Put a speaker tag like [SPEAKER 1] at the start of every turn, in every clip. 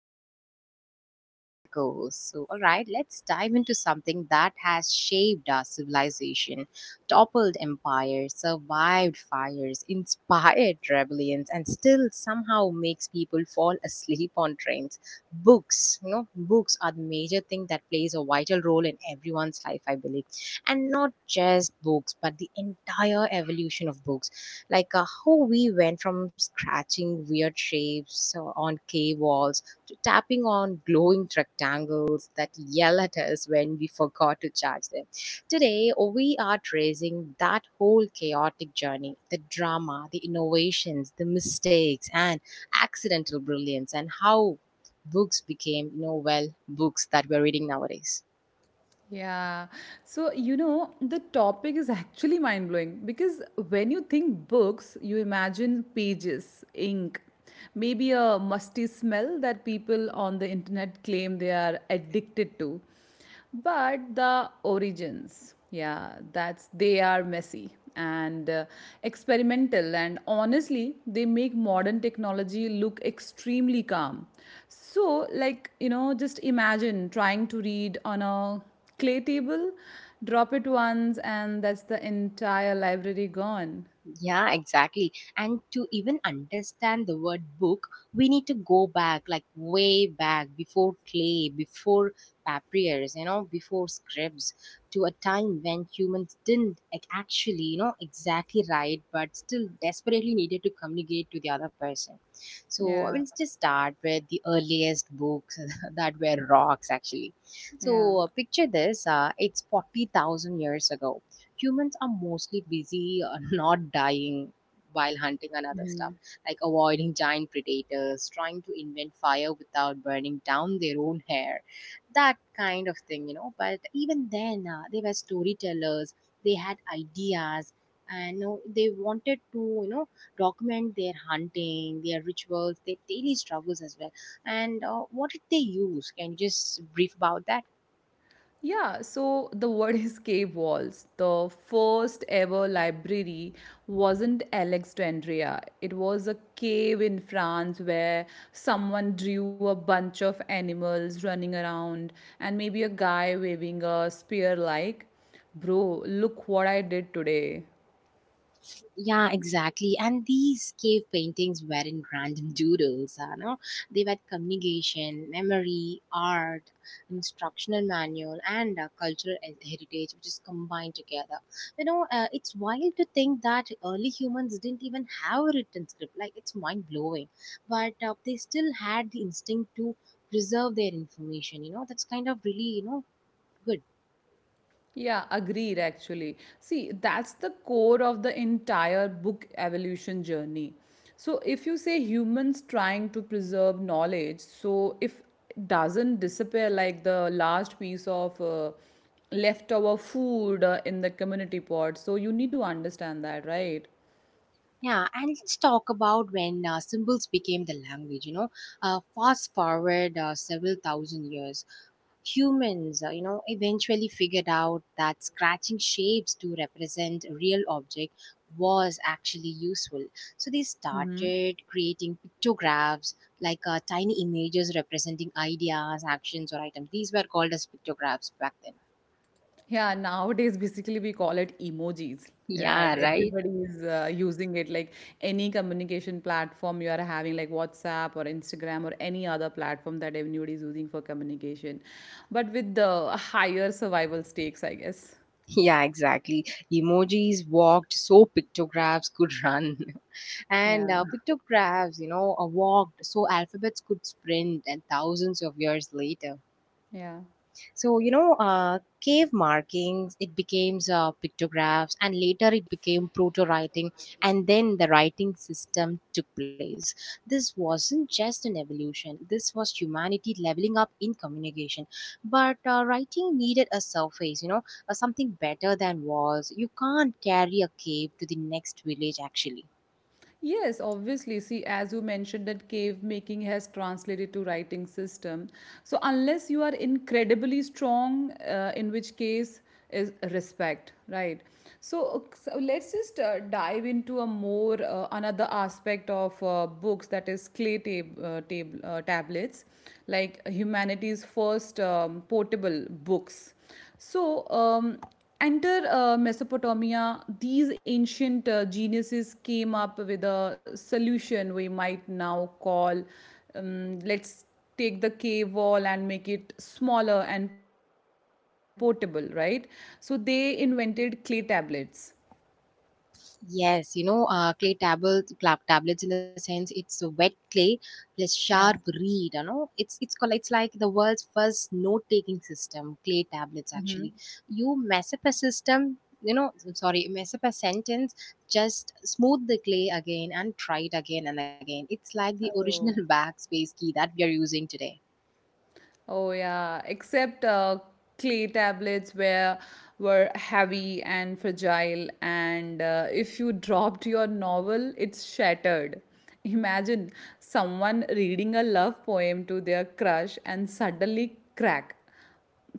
[SPEAKER 1] me I have Samriti as my co host. So, let's dive into something that has shaped our civilization, toppled empires, survived fires, inspired rebellions, and still somehow makes people fall asleep on trains. Books are the major thing that plays a vital role in everyone's life, I believe. And not just books, but the entire evolution of books like how we went from scratching weird shapes on cave walls to tapping on glowing rectangles that yell at us when we forgot to charge them. Today, we are tracing that whole chaotic journey, the drama, the innovations, the mistakes, and accidental brilliance, and how books became, books that we're reading nowadays.
[SPEAKER 2] Yeah. So, you know, the topic is actually mind blowing because when you think books, you imagine pages, ink, maybe a musty smell that people on the internet claim they are addicted to. But the origins, yeah, that's they are messy and experimental, and honestly they make modern technology look extremely calm. So, like, you know, just imagine trying to read on a clay table, drop it once, and that's the entire library gone.
[SPEAKER 1] Yeah, exactly. And to even understand the word book, we need to go back, like way back, before clay, before papyrus, before scripts, to a time when humans didn't exactly write, but still desperately needed to communicate to the other person. So I
[SPEAKER 2] Yeah.
[SPEAKER 1] will just start with the earliest books that were rocks, actually.
[SPEAKER 2] Yeah.
[SPEAKER 1] So picture this: it's 40,000 years ago. Humans are mostly busy not dying while hunting and other stuff, like avoiding giant predators, trying to invent fire without burning down their own hair, that kind of thing, you know. But even then they were storytellers. They had ideas, and they wanted to, document their hunting, their rituals, their daily struggles as well. And what did they use? Can you just brief about that?
[SPEAKER 2] Yeah, so the word is cave walls. The first ever library wasn't Alexandria. It was a cave in France where someone drew a bunch of animals running around and maybe a guy waving a spear like, "Bro, look what I did today."
[SPEAKER 1] Yeah, exactly. And these cave paintings weren't random doodles, you know. They were communication, memory, art, instructional manual, and cultural heritage, which is combined together. You know, it's wild to think that early humans didn't even have a written script. Like, it's mind blowing. But they still had the instinct to preserve their information. You know, that's kind of really, you know, good.
[SPEAKER 2] Yeah, agreed actually. See, that's the core of the entire book evolution journey. So, if you say humans trying to preserve knowledge, so if it doesn't disappear like the last piece of leftover food in the community pot, so you need to understand that, right?
[SPEAKER 1] Yeah, and let's talk about when symbols became the language. You know, fast forward several thousand years, humans, eventually figured out that scratching shapes to represent a real object was actually useful. So they
[SPEAKER 2] hmm
[SPEAKER 1] started creating pictographs, like tiny images representing ideas, actions, or items. These were called as pictographs back then.
[SPEAKER 2] Yeah, nowadays basically we call it emojis. Yeah,
[SPEAKER 1] Yeah, right?
[SPEAKER 2] everybody is using it. Like any communication platform you are having, like WhatsApp or Instagram or any other platform that everybody is using for communication, but with the higher survival stakes, I guess.
[SPEAKER 1] Yeah, exactly. Emojis walked so pictographs could run. And
[SPEAKER 2] Yeah,
[SPEAKER 1] pictographs, walked so alphabets could sprint. And thousands of years later,
[SPEAKER 2] yeah.
[SPEAKER 1] so you know, cave markings, it became pictographs, and later it became proto writing, and then the writing system took place. This wasn't just an evolution, this was humanity leveling up in communication. But writing needed a surface, you know, something better than walls. You can't carry a cave to the next village actually.
[SPEAKER 2] Yes, obviously. See, as you mentioned, that cave making has translated to writing system. So unless you are incredibly strong, in which case is respect, right? So, let's just dive into a more another aspect of books, that is tablets, like humanity's first portable books. So. Enter Mesopotamia. These ancient geniuses came up with a solution we might now call, let's take the cave wall and make it smaller and portable, right? So they invented clay tablets.
[SPEAKER 1] Yes, you know, clay tablets, clap tablets, in the sense it's a wet clay plus sharp
[SPEAKER 2] Yeah.
[SPEAKER 1] reed. You know, it's called, it's like the world's first note-taking system. Clay tablets
[SPEAKER 2] hmm
[SPEAKER 1] actually. You mess up a system, you know, I'm sorry, mess up a sentence. Just smooth the clay again and try it again and again. It's like the original
[SPEAKER 2] Oh.
[SPEAKER 1] backspace key that we are using today.
[SPEAKER 2] Oh yeah, except clay tablets were heavy and fragile, and if you dropped your novel, it's shattered. Imagine someone reading a love poem to their crush and suddenly, crack.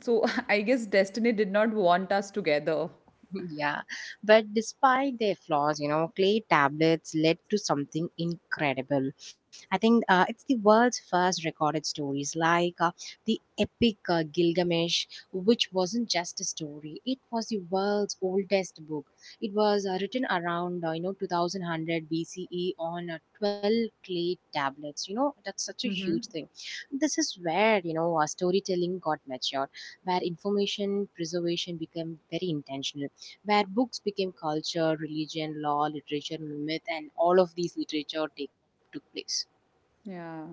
[SPEAKER 2] So, I guess destiny did not want us together.
[SPEAKER 1] Yeah, but despite their flaws, you know, clay tablets led to something incredible. I think it's the world's first recorded stories, like the epic Gilgamesh, which wasn't just a story; it was the world's oldest book. It was written around 2100 BCE on 12 clay tablets. You know, that's such a huge
[SPEAKER 2] hmm
[SPEAKER 1] thing. This is where, you know, storytelling got matured, where information preservation became very intentional, where books became culture, religion, law, literature, myth, and all of these literature took place.
[SPEAKER 2] Yeah.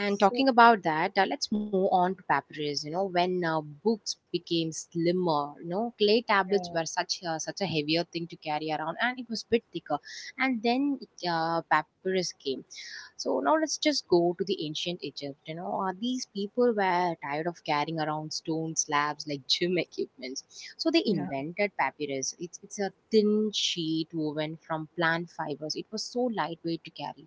[SPEAKER 1] And
[SPEAKER 2] So
[SPEAKER 1] talking about that, let's move on to papyrus. You know, when books became slimmer, you know, clay tablets
[SPEAKER 2] yeah,
[SPEAKER 1] were such a heavier thing to carry around, and it was bit thicker. And then papyrus came. So now let's just go to the ancient Egypt. You know, these people were tired of carrying around stone slabs like gym equipments. So they
[SPEAKER 2] yeah.
[SPEAKER 1] invented papyrus. It's a thin sheet woven from plant fibers. It was so lightweight to carry.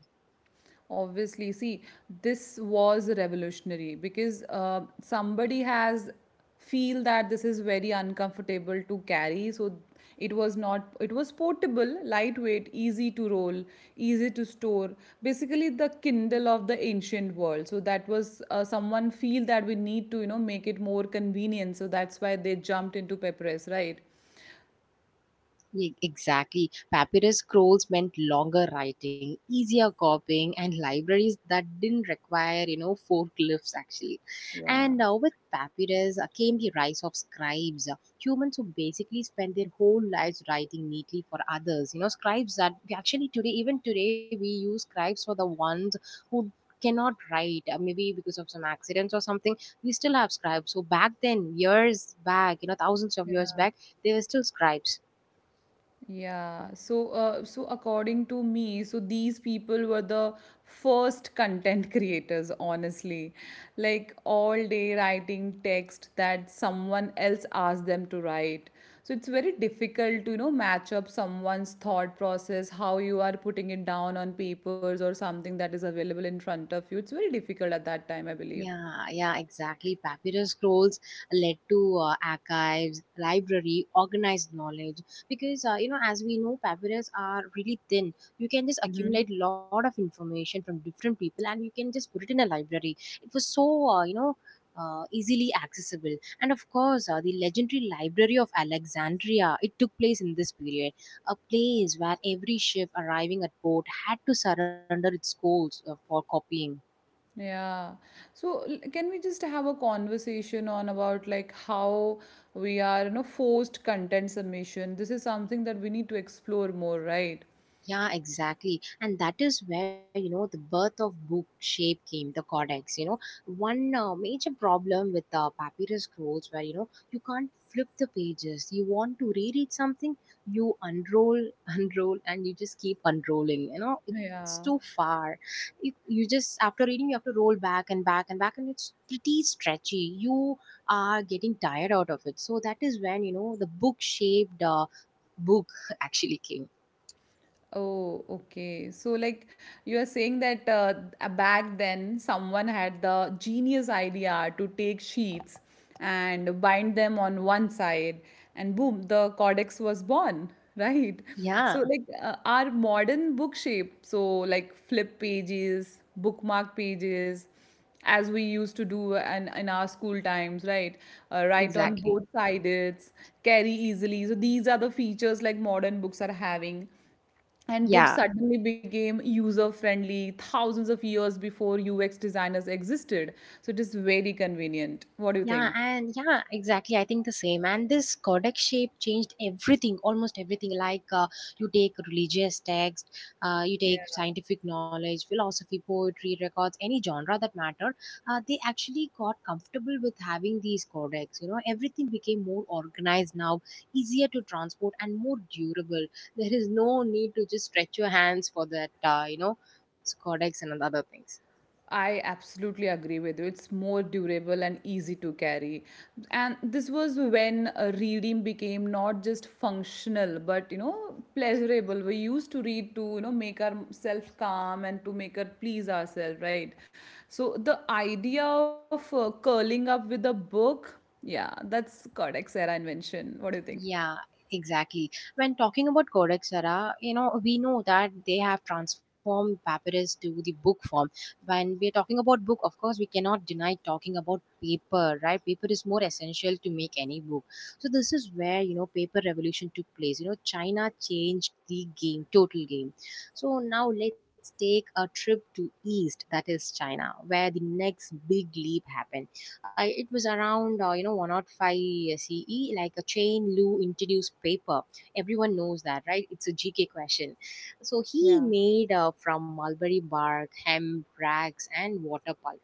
[SPEAKER 2] Obviously, see, this was revolutionary because somebody has feel that this is very uncomfortable to carry. So it was not. It was portable, lightweight, easy to roll, easy to store. Basically, the Kindle of the ancient world. So that was someone feel that we need to, you know, make it more convenient. So that's why they jumped into Pepperes, right?
[SPEAKER 1] Exactly. Papyrus scrolls meant longer writing, easier copying, and libraries that didn't require, you know, forklifts actually.
[SPEAKER 2] Yeah.
[SPEAKER 1] And now with papyrus came the rise of scribes, humans who basically spent their whole lives writing neatly for others. You know, scribes that we actually today, even today, we use scribes for the ones who cannot write maybe because of some accidents or something. We still have scribes. So back then, years back, you know, thousands of years back, they were still scribes.
[SPEAKER 2] Yeah, so according to me, so these people were the first content creators, honestly. Like, all day writing text that someone else asked them to write. So it's very difficult to, you know, match up someone's thought process, how you are putting it down on papers or something that is available in front of you. It's very difficult at that time, I believe.
[SPEAKER 1] Yeah, yeah, exactly. Papyrus scrolls led to archives, library, organized knowledge. Because you know, as we know, papyrus are really thin. You can just accumulate a lot of information from different people, and you can just put it in a library. It was so easily accessible, and of course the legendary library of Alexandria, it took place in this period, a place where every ship arriving at port had to surrender its scrolls for copying.
[SPEAKER 2] Yeah. So can we just have a conversation on about like how we are, you know, forced content submission? This is something that we need to explore more, right?
[SPEAKER 1] Yeah, exactly. And that is where, you know, the birth of book shape came, the codex. You know, one major problem with papyrus scrolls where, you know, you can't flip the pages. You want to reread something, you unroll, unroll, and you just keep unrolling. You know, it's too
[SPEAKER 2] Yeah.
[SPEAKER 1] far. You just, after reading, you have to roll back and back and back, and it's pretty stretchy. You are getting tired out of it. So that is when, you know, the book shaped book actually came.
[SPEAKER 2] Oh, okay. So, like, you are saying that back then someone had the genius idea to take sheets and bind them on one side, and boom, the codex was born, right?
[SPEAKER 1] Yeah.
[SPEAKER 2] So, like, our modern book shape, so like flip pages, bookmark pages, as we used to do in our school times, right? Write on
[SPEAKER 1] Exactly.
[SPEAKER 2] both sides, carry easily. So, these are the features like modern books are having, and books
[SPEAKER 1] Yeah.
[SPEAKER 2] suddenly became user friendly thousands of years before UX designers existed. So it is very convenient. What do you
[SPEAKER 1] Yeah.
[SPEAKER 2] think?
[SPEAKER 1] And yeah, exactly. I think the same. And this codex shape changed everything, almost everything. Like you take religious text, you
[SPEAKER 2] Yeah.
[SPEAKER 1] take scientific knowledge, philosophy, poetry, records, any genre that mattered. They actually got comfortable with having these codex. You know, everything became more organized now, easier to transport, and more durable. There is no need to just stretch your hands for that, codex and other things.
[SPEAKER 2] I absolutely agree with you. It's more durable and easy to carry. And this was when reading became not just functional but, you know, pleasurable. We used to read to, you know, make ourselves calm and to make her please ourselves, right? So the idea of curling up with a book, yeah, that's Codex era invention. What do you think?
[SPEAKER 1] Yeah, exactly. When talking about Codex Sara, you know, we know that they have transformed papyrus to the book form. When we're talking about book, of course, we cannot deny talking about paper, right? Paper is more essential to make any book. So this is where, you know, paper revolution took place. You know, China changed the game, total game. So now let's take a trip to East, that is China, where the next big leap happened. It was around 105 CE, like a chain Lu introduced paper. Everyone knows that, right? It's a GK question. So he
[SPEAKER 2] Yeah.
[SPEAKER 1] made from mulberry bark, hemp, rags, and water pulp.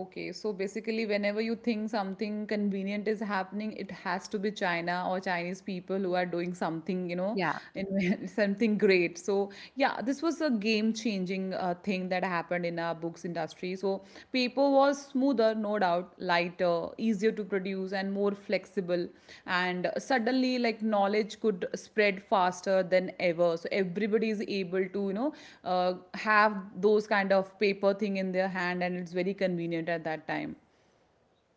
[SPEAKER 2] Okay, so basically, whenever you think something convenient is happening, it has to be China or Chinese people who are doing something, you know,
[SPEAKER 1] Yeah.
[SPEAKER 2] in something great. So yeah, this was a game-changing thing that happened in our books industry. So paper was smoother, no doubt, lighter, easier to produce, and more flexible. And suddenly, like, knowledge could spread faster than ever. So everybody is able to, you know, have those kind of paper thing in their hand, and it's very convenient at that time.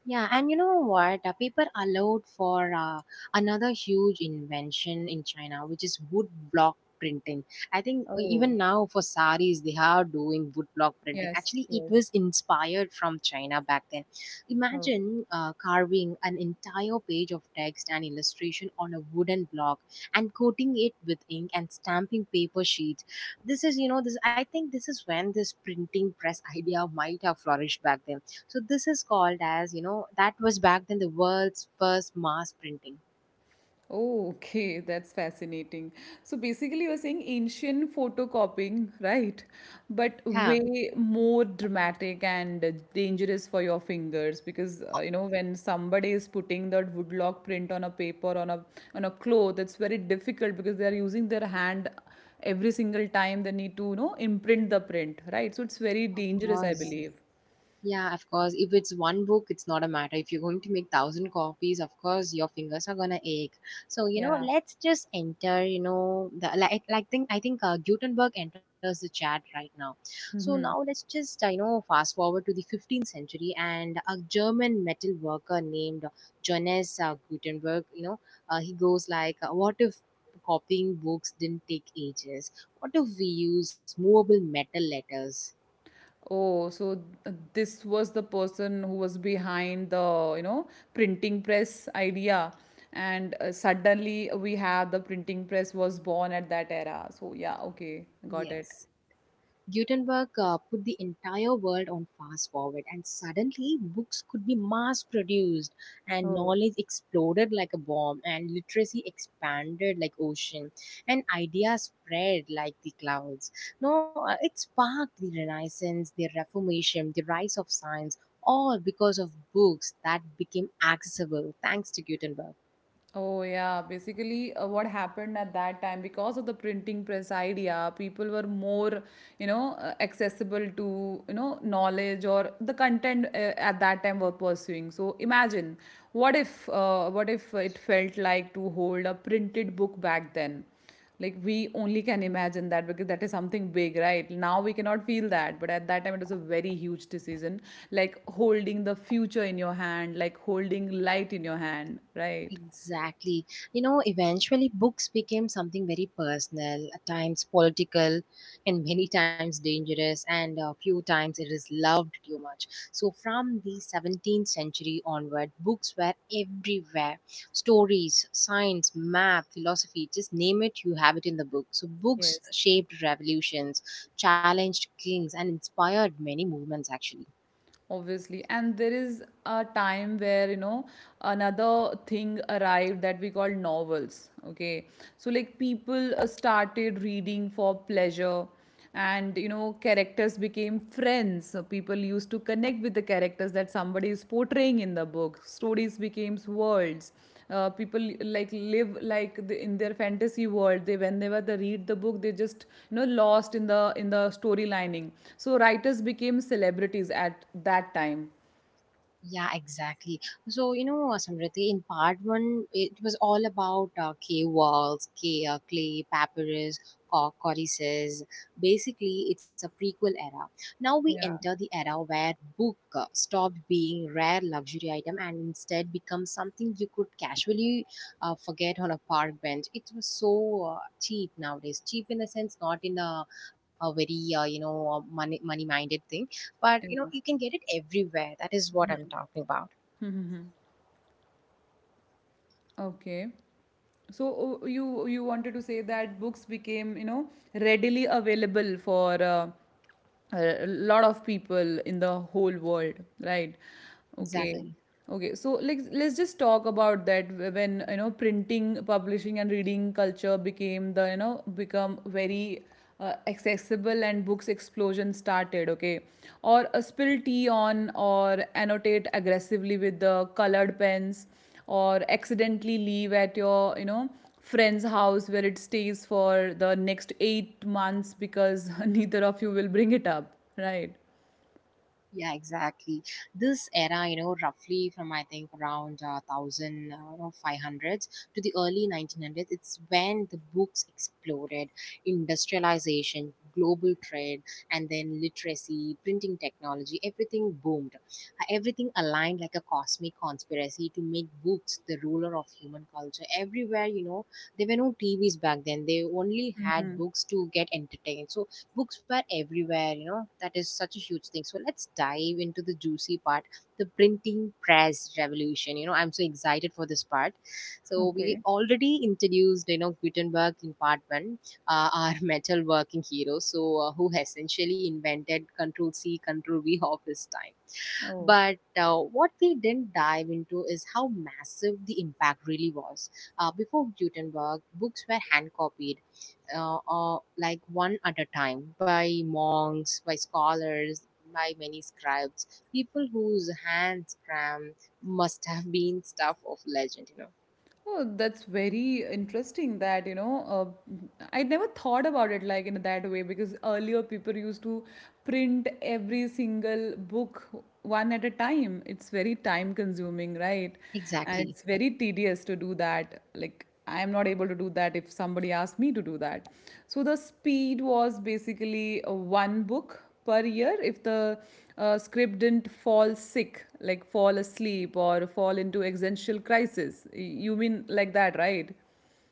[SPEAKER 1] Yeah, and you know what? People allowed for another huge invention in China, which is wood block printing. I think
[SPEAKER 2] Oh,
[SPEAKER 1] even now for saris, they are doing wood block printing.
[SPEAKER 2] yes.
[SPEAKER 1] Actually, it
[SPEAKER 2] Yes.
[SPEAKER 1] was inspired from China back then.
[SPEAKER 2] Oh.
[SPEAKER 1] Imagine carving an entire page of text and illustration on a wooden block and coating it with ink and stamping paper sheets. This is, you know, this. I think this is when this printing press idea might have flourished back then. So this is called as, you know, that was back then the world's first mass printing.
[SPEAKER 2] Oh, okay, that's fascinating. So basically, you're saying ancient photocopying, right? But
[SPEAKER 1] Yeah,
[SPEAKER 2] way more dramatic and dangerous for your fingers because,
[SPEAKER 1] o-
[SPEAKER 2] you know, when somebody is putting that woodblock print on a paper on a cloth, it's very difficult because they are using their hand every single time they need to, you know, imprint the print, right? So it's very
[SPEAKER 1] of
[SPEAKER 2] dangerous, I
[SPEAKER 1] course.
[SPEAKER 2] believe.
[SPEAKER 1] Yeah, of course. If it's one book, it's not a matter. If you're going to make thousand copies, of course, your fingers are gonna ache. So you know,
[SPEAKER 2] Yeah.
[SPEAKER 1] let's just enter. You know, the like think I think Gutenberg enters the chat right now. So now let's just fast forward to the 15th century and a German metal worker named Johannes Gutenberg. You know, he goes like, "What if?" Copying books didn't take ages. What if we use movable metal letters?
[SPEAKER 2] Oh, so this was the person who was behind the, you know, printing press idea. And suddenly we have the printing press was born at that era. So yeah, okay, got it.
[SPEAKER 1] Yes. Gutenberg put the entire world on fast forward, and suddenly books could be mass produced, and
[SPEAKER 2] Oh.
[SPEAKER 1] knowledge exploded like a bomb, and literacy expanded like ocean, and ideas spread like the clouds. No, it sparked the Renaissance, the Reformation, the rise of science, all because of books that became accessible thanks to Gutenberg.
[SPEAKER 2] Oh, yeah. Basically, what happened at that time, because of the printing press idea, people were more, you know, accessible to, you know, knowledge or the content at that time were pursuing. So imagine, what if it felt like to hold a printed book back then? Like, we only can imagine that because that is something big, right? Now we cannot feel that, but at that time it was a very huge decision, like holding the future in your hand, like holding light in your hand, right?
[SPEAKER 1] Exactly. You know, eventually books became something very personal, at times political, and many times dangerous, and a few times it is loved too much. So, from the 17th century onward, books were everywhere, stories, science, map, philosophy, just name it, you have it in the book. So, books
[SPEAKER 2] Yes,
[SPEAKER 1] shaped revolutions, challenged kings, and inspired many movements actually.
[SPEAKER 2] obviously. And there is a time where, you know, another thing arrived that we call novels. Okay. So, like, people started reading for pleasure, and, you know, characters became friends. So, people used to connect with the characters that somebody is portraying in the book. Stories became worlds. Uh, people like live like the, in their fantasy world, they whenever they read the book they just, you know, lost in the story lining. So writers became celebrities at that time.
[SPEAKER 1] Yeah, exactly. So, Samriti, in part one, it was all about K walls, K clay, papyrus, codices. Basically, it's a prequel era. Now we
[SPEAKER 2] Yeah,
[SPEAKER 1] enter the era where book stopped being rare luxury item and instead becomes something you could casually forget on a park bench. It was so cheap nowadays. Cheap in the sense, not in a, a very money minded thing, but
[SPEAKER 2] yeah.
[SPEAKER 1] you can get it everywhere. That is what I'm talking about.
[SPEAKER 2] Okay. So you wanted to say that books became, you know, readily available for a lot of people in the whole world, right? Okay.
[SPEAKER 1] Exactly.
[SPEAKER 2] Okay. So, like, let's just talk about that when, you know, printing, publishing and reading culture became the, you know, become very accessible, and books explosion started. Okay. Or a spill tea on, or annotate aggressively with the colored pens, or accidentally leave at your, you know, friend's house where it stays for the next 8 months because neither of you will bring it up, right?
[SPEAKER 1] Yeah, exactly. This era, you know, roughly from I think around thousand no, five hundreds to the early nineteen hundreds. It's when the books exploded, industrialization, global trade, and then literacy, printing technology. Everything boomed. Everything aligned like a cosmic conspiracy to make books the ruler of human culture. Everywhere, you know, there were no TVs back then. They only had books to get entertained. So books were everywhere. That is such a huge thing. So let's dive into the juicy part, the printing press revolution. I'm so excited for this part. So
[SPEAKER 2] Okay.
[SPEAKER 1] we already introduced Gutenberg in part one. Our metal working hero, so who essentially invented control c control v of his time.
[SPEAKER 2] Oh.
[SPEAKER 1] But what we didn't dive into is how massive the impact really was. Before Gutenberg, books were hand copied, like one at a time, by monks, by scholars, by many scribes, people whose hands cram must have been stuff of legend.
[SPEAKER 2] Oh, that's very interesting that, you know, I never thought about it like in that way, because earlier people used to print every single book one at a time. It's very time consuming, right? And
[SPEAKER 1] Exactly.
[SPEAKER 2] it's very tedious to do that. Like, I am not able to do that if somebody asks me to do that. So the speed was basically one book per year if the script didn't fall sick, like fall asleep or fall into existential crisis. You mean like that, right?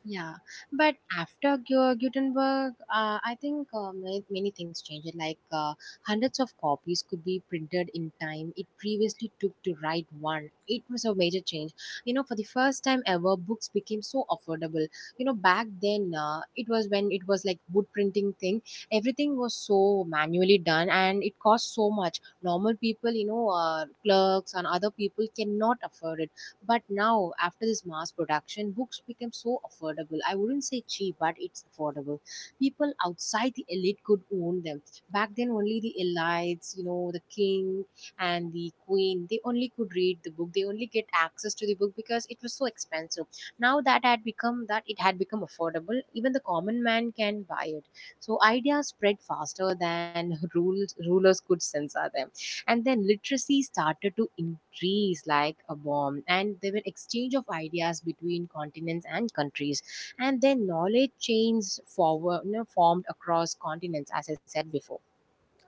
[SPEAKER 1] Yeah, but after Gutenberg, I think many, many things changed. Like hundreds of copies could be printed in time. It previously took to write one. It was a major change. You know, for the first time ever, books became so affordable. You know, back then, it was when it was like wood printing thing. Everything was so manually done, and it cost so much. Normal people, clerks and other people cannot afford it, but now, after this mass production, books became so affordable. I wouldn't say cheap, but it's affordable. People outside the elite could own them. Back then, only the elites, the king and the queen, they only could read the book. They only get access to the book because it was so expensive. Now that it had become affordable. Even the common man can buy it. So ideas spread faster than rules rulers could censor them. And then literacy started to increase like a bomb, and there were exchange of ideas between continents and countries. And then knowledge chains formed across continents, as I said before.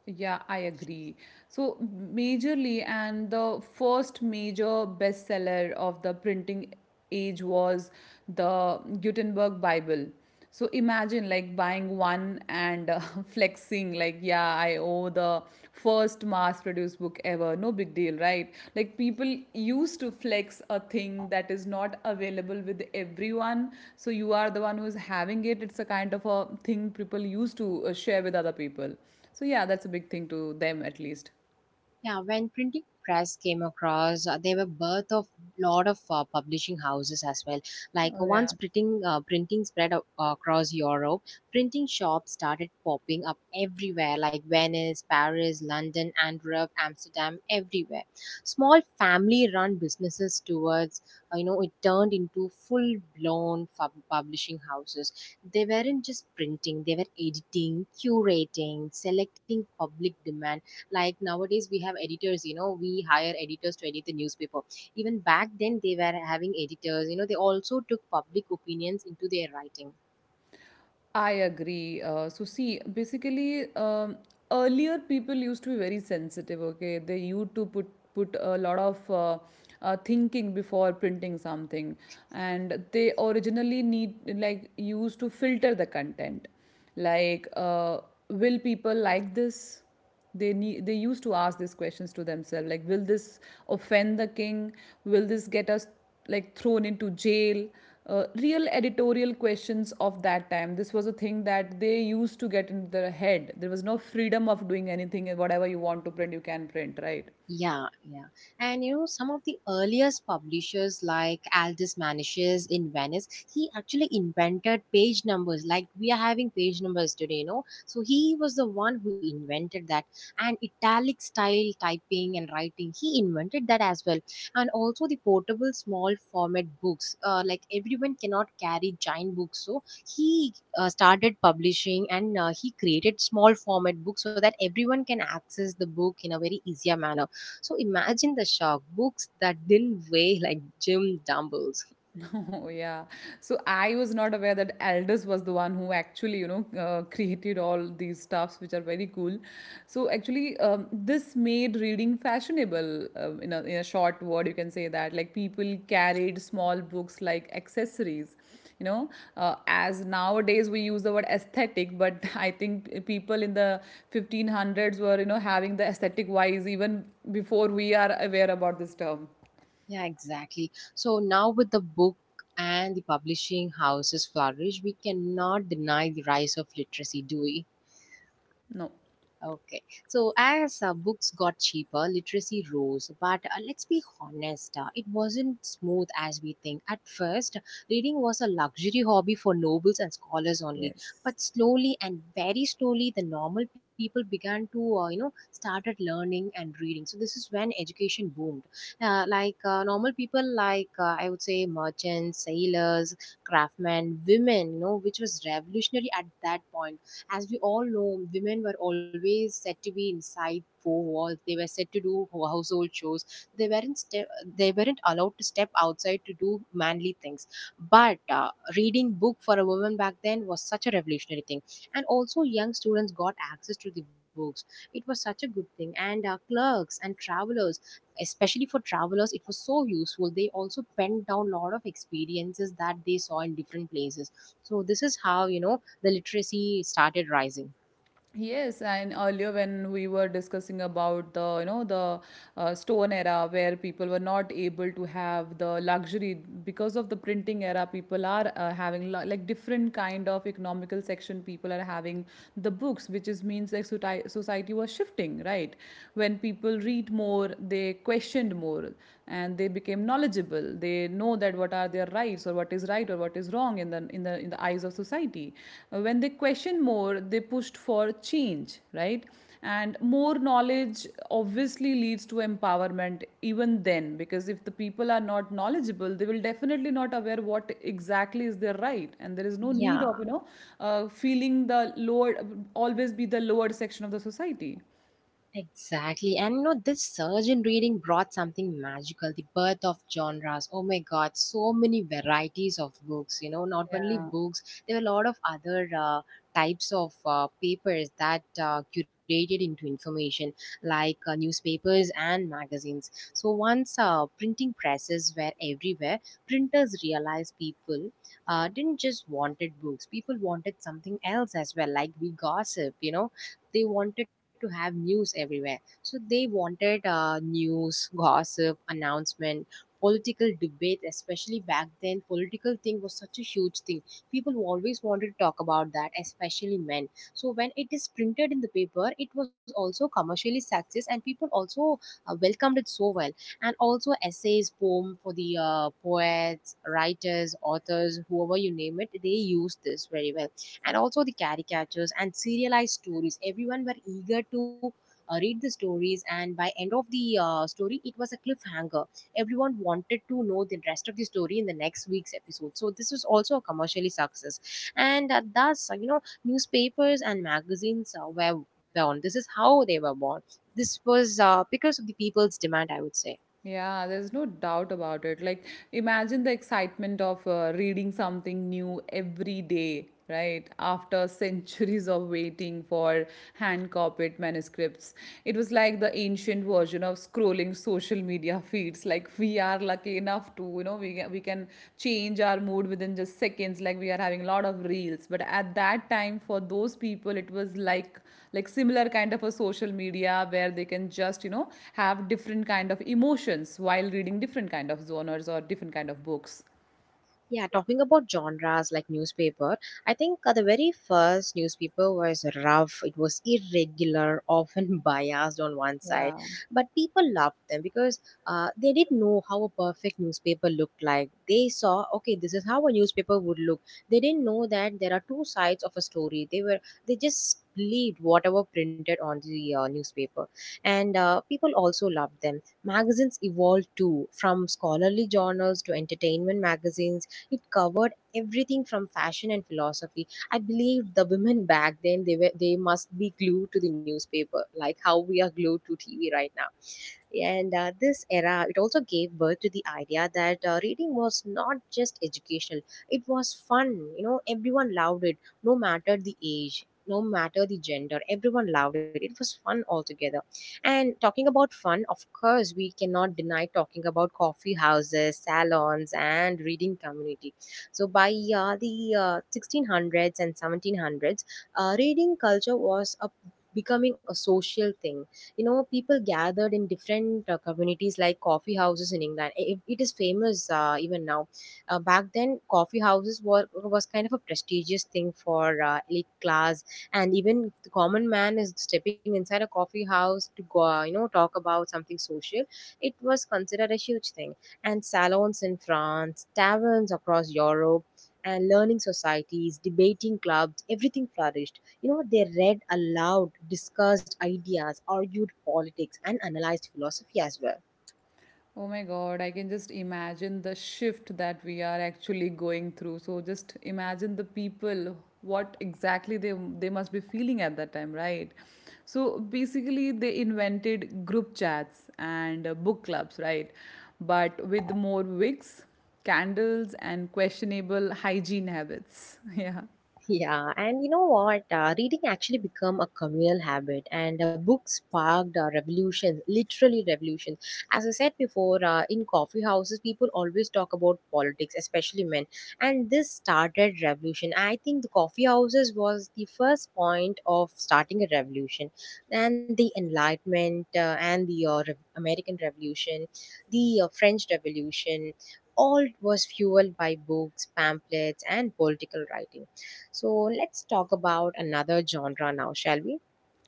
[SPEAKER 2] Yeah, I agree. So, majorly, and the first major bestseller of the printing age was the Gutenberg Bible. So, imagine like buying one and flexing, like, yeah, I owe the first mass produced book ever. No big deal, right? Like, people used to flex a thing that is not available with everyone. So, you are the one who's having it. It's a kind of a thing people used to share with other people. So yeah, that's a big thing to them, at least.
[SPEAKER 1] Yeah, when printing press came across, there were birth of lot of publishing houses as well. Like
[SPEAKER 2] Oh, yeah.
[SPEAKER 1] once printing spread across Europe, printing shops started popping up everywhere, like Venice, Paris, London, Antwerp, Amsterdam, everywhere. Small family-run businesses towards it turned into full-blown publishing houses. They weren't just printing; they were editing, curating, selecting public demand. Like nowadays, we have editors. We hire editors to edit the newspaper. Even back then, they were having editors. They also took public opinions into their writing.
[SPEAKER 2] I agree. So see, basically, earlier people used to be very sensitive. Okay, they used to put a lot of thinking before printing something, and they originally need like used to filter the content, like, will people like this? They need they used to ask these questions to themselves, like, will this offend the king, will this get us like thrown into jail? Uh, real editorial questions of that time. This was a thing that they used to get into their head. There was no freedom of doing anything and whatever you want to print you can print, right?
[SPEAKER 1] Yeah, yeah. And some of the earliest publishers, like Aldous Manicius in Venice, he actually invented page numbers, like we are having page numbers today. So he was the one who invented that. And italic style typing and writing, he invented that as well. And also the portable small format books, like everyone cannot carry giant books. So he started publishing, and he created small format books so that everyone can access the book in a very easier manner. So imagine the shock, books that didn't weigh like gym dumbbells.
[SPEAKER 2] Oh yeah. So I was not aware that Aldous was the one who actually, you know, created all these stuffs, which are very cool. So actually, this made reading fashionable. In a short word, you can say that like people carried small books like accessories. You know, as nowadays we use the word aesthetic, but I think people in the 1500s were, having the aesthetic wise even before we are aware about this term.
[SPEAKER 1] Yeah, exactly. So now with the book and the publishing houses flourish, we cannot deny the rise of literacy, do we?
[SPEAKER 2] No.
[SPEAKER 1] Okay. So as books got cheaper, literacy rose. But let's be honest, it wasn't smooth as we think. At first, reading was a luxury hobby for nobles and scholars only.
[SPEAKER 2] Yes.
[SPEAKER 1] But slowly and very slowly, the normal people began to, you know, started learning and reading. So this is when education boomed. Like normal people, like I would say merchants, sailors, craftsmen, women, which was revolutionary at that point. As we all know, women were always said to be inside four walls. They were said to do household chores. They weren't ste- they weren't allowed to step outside to do manly things. But reading book for a woman back then was such a revolutionary thing, and also young students got access to the books. It was such a good thing, and clerks and travelers. Especially for travelers, it was so useful. They also penned down a lot of experiences that they saw in different places. So this is how the literacy started rising.
[SPEAKER 2] Yes, and earlier when we were discussing about the stone era where people were not able to have the luxury because of the printing era, people are having like different kind of economical section. People are having the books, which is means like society was shifting, right? When people read more, they questioned more and they became knowledgeable. They know that what are their rights or what is right or what is wrong in the eyes of society. When they question more, they pushed for change, right? And more knowledge obviously leads to empowerment even then, because if the people are not knowledgeable, they will definitely not aware what exactly is their right, and there is no need
[SPEAKER 1] Yeah.
[SPEAKER 2] of feeling the lower, always be the lower section of the society.
[SPEAKER 1] Exactly. And this surge in reading brought something magical, the birth of genres. Oh my god, so many varieties of books. You know, not only
[SPEAKER 2] Yeah.
[SPEAKER 1] books, there are a lot of other types of papers that curated into information, like newspapers and magazines. So once printing presses were everywhere, printers realized people didn't just wanted books, people wanted something else as well, like we gossip. They wanted to have news everywhere, so they wanted news gossip, announcement, political debate. Especially back then, political thing was such a huge thing. People always wanted to talk about that, especially men. So when it is printed in the paper, it was also commercially success, and people also welcomed it so well. And also essays, poem for the poets, writers, authors, whoever you name it, they use this very well. And also the caricatures and serialized stories. Everyone were eager to read the stories, and by end of the story, it was a cliffhanger. Everyone wanted to know the rest of the story in the next week's episode. So this was also a commercially success, and thus newspapers and magazines were born. This is how they were born. This was because of the people's demand, I would say.
[SPEAKER 2] Yeah, there's no doubt about it. Like, imagine the excitement of reading something new every day, right? After centuries of waiting for hand copied manuscripts. It was like the ancient version of scrolling social media feeds. Like, we are lucky enough to we can change our mood within just seconds, like we are having a lot of reels, but at that time for those people it was like similar kind of a social media where they can just have different kind of emotions while reading different kind of zoners or different kind of books.
[SPEAKER 1] Yeah, talking about genres like newspaper, I think the very first newspaper was rough. It was irregular, often biased on one side,
[SPEAKER 2] Yeah.
[SPEAKER 1] but people loved them because they didn't know how a perfect newspaper looked like. They saw, okay, this is how a newspaper would look. They didn't know that there are two sides of a story. They just believed whatever printed on the newspaper, and people also loved them. Magazines evolved too, from scholarly journals to entertainment magazines. It covered everything from fashion and philosophy. I believe the women back then, they must be glued to the newspaper, like how we are glued to TV right now. And this era, it also gave birth to the idea that reading was not just educational, it was fun. Everyone loved it, no matter the age, no matter the gender. Everyone loved it. It was fun altogether. And talking about fun, of course, we cannot deny talking about coffee houses, salons, and reading community. So by the 1600s and 1700s, reading culture was a becoming a social thing. People gathered in different communities, like coffee houses in England. It is famous even now. Back then, coffee houses were was kind of a prestigious thing for elite class. And even if the common man is stepping inside a coffee house to go talk about something social, it was considered a huge thing. And salons in France, taverns across Europe, and learning societies, debating clubs, everything flourished. They read aloud, discussed ideas, argued politics, and analyzed philosophy as well.
[SPEAKER 2] Oh my God, I can just imagine the shift that we are actually going through. So just imagine the people, what exactly they must be feeling at that time, right? So basically, they invented group chats and book clubs, right? But with more wigs, candles, and questionable hygiene habits. Yeah.
[SPEAKER 1] Yeah, and you know what? Reading actually become a communal habit, and books sparked a revolution, literally revolution. As I said before, in coffee houses, people always talk about politics, especially men, and this started revolution. I think the coffee houses was the first point of starting a revolution, and the Enlightenment and the American Revolution, the French Revolution. All was fueled by books, pamphlets, and political writing. So let's talk about another genre now, shall we?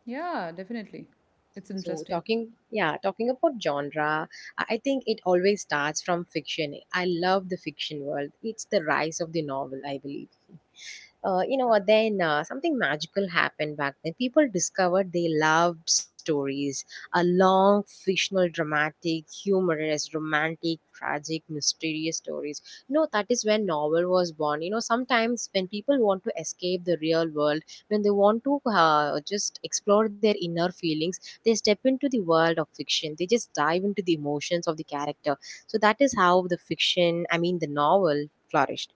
[SPEAKER 2] Yeah, definitely. It's
[SPEAKER 1] So,
[SPEAKER 2] interesting.
[SPEAKER 1] yeah, talking about genre, I think it always starts from fiction. I love the fiction world. It's the rise of the novel, I believe. You know then Something magical happened. Back then people discovered they loved stories, a long fictional dramatic humorous romantic tragic mysterious stories. You know, that is when novel was born. You know, sometimes when people want to escape the real world, when they want to just explore their inner feelings, they step into the world of fiction, they just dive into the emotions of the character. So that is how the fiction I mean the novel flourished.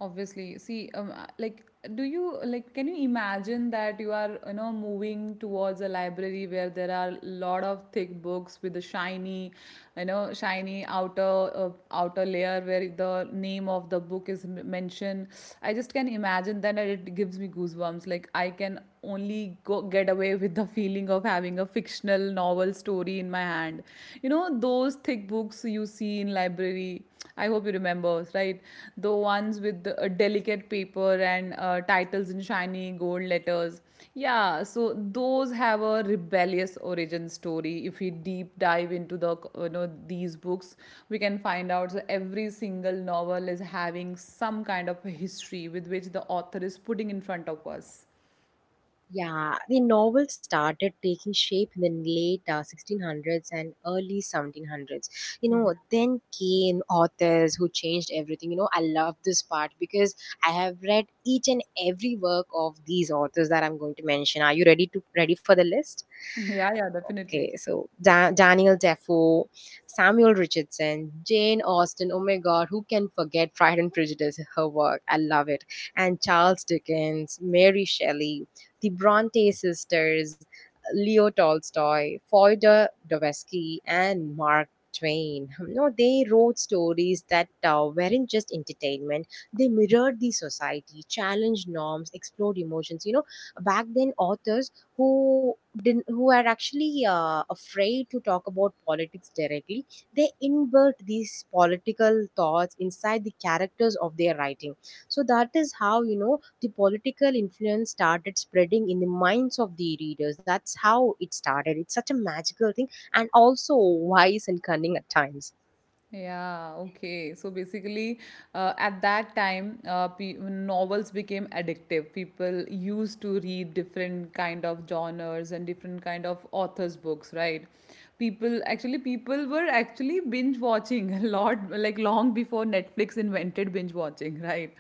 [SPEAKER 2] Obviously, see, like, do you like? Can you imagine that you are, moving towards a library where there are a lot of thick books with a shiny, shiny outer outer layer where the name of the book is mentioned. I just can imagine that, and it gives me goosebumps. Like, I can only go, get away with the feeling of having a fictional novel story in my hand. You know those thick books you see in library. I hope you remember, right? The ones with the, delicate paper and titles in shiny gold letters. Yeah, so those have a rebellious origin story. If we deep dive into these books, we can find out so every single novel is having some kind of a history with which the author is putting in front of us.
[SPEAKER 1] Yeah, the novel started taking shape in the late 1600s and early 1700s. You know, then came authors who changed everything. You know, I love this part because I have read each and every work of these authors that I'm going to mention. Are you ready for the list?
[SPEAKER 2] Yeah, yeah,
[SPEAKER 1] Okay.
[SPEAKER 2] definitely.
[SPEAKER 1] So Daniel Defoe, Samuel Richardson, Jane Austen. Oh my God, who can forget Pride and Prejudice? Her work, I love it. And Charles Dickens, Mary Shelley, the Bronte sisters, Leo Tolstoy, Fyodor Dostoevsky, and Mark Twain. No, they wrote stories that weren't just entertainment. They mirrored the society, challenged norms, explored emotions. You know, back then authors who didn't, who were actually afraid to talk about politics directly, they invert these political thoughts inside the characters of their writing. So that is how, you know, the political influence started spreading in the minds of the readers. That's how it started. It's such a magical thing, and also wise and cunning at times.
[SPEAKER 2] Yeah, okay. So basically, at that time, pe novels became addictive. People used to read different kind of genres and different kind of authors' books, right? People were actually binge watching a lot, like long before Netflix invented binge watching, right?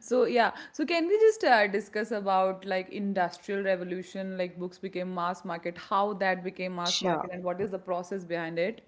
[SPEAKER 2] So yeah, so can we just discuss about like industrial revolution, like books became mass market, how that became mass
[SPEAKER 1] Sure.
[SPEAKER 2] market, and what is the process behind it?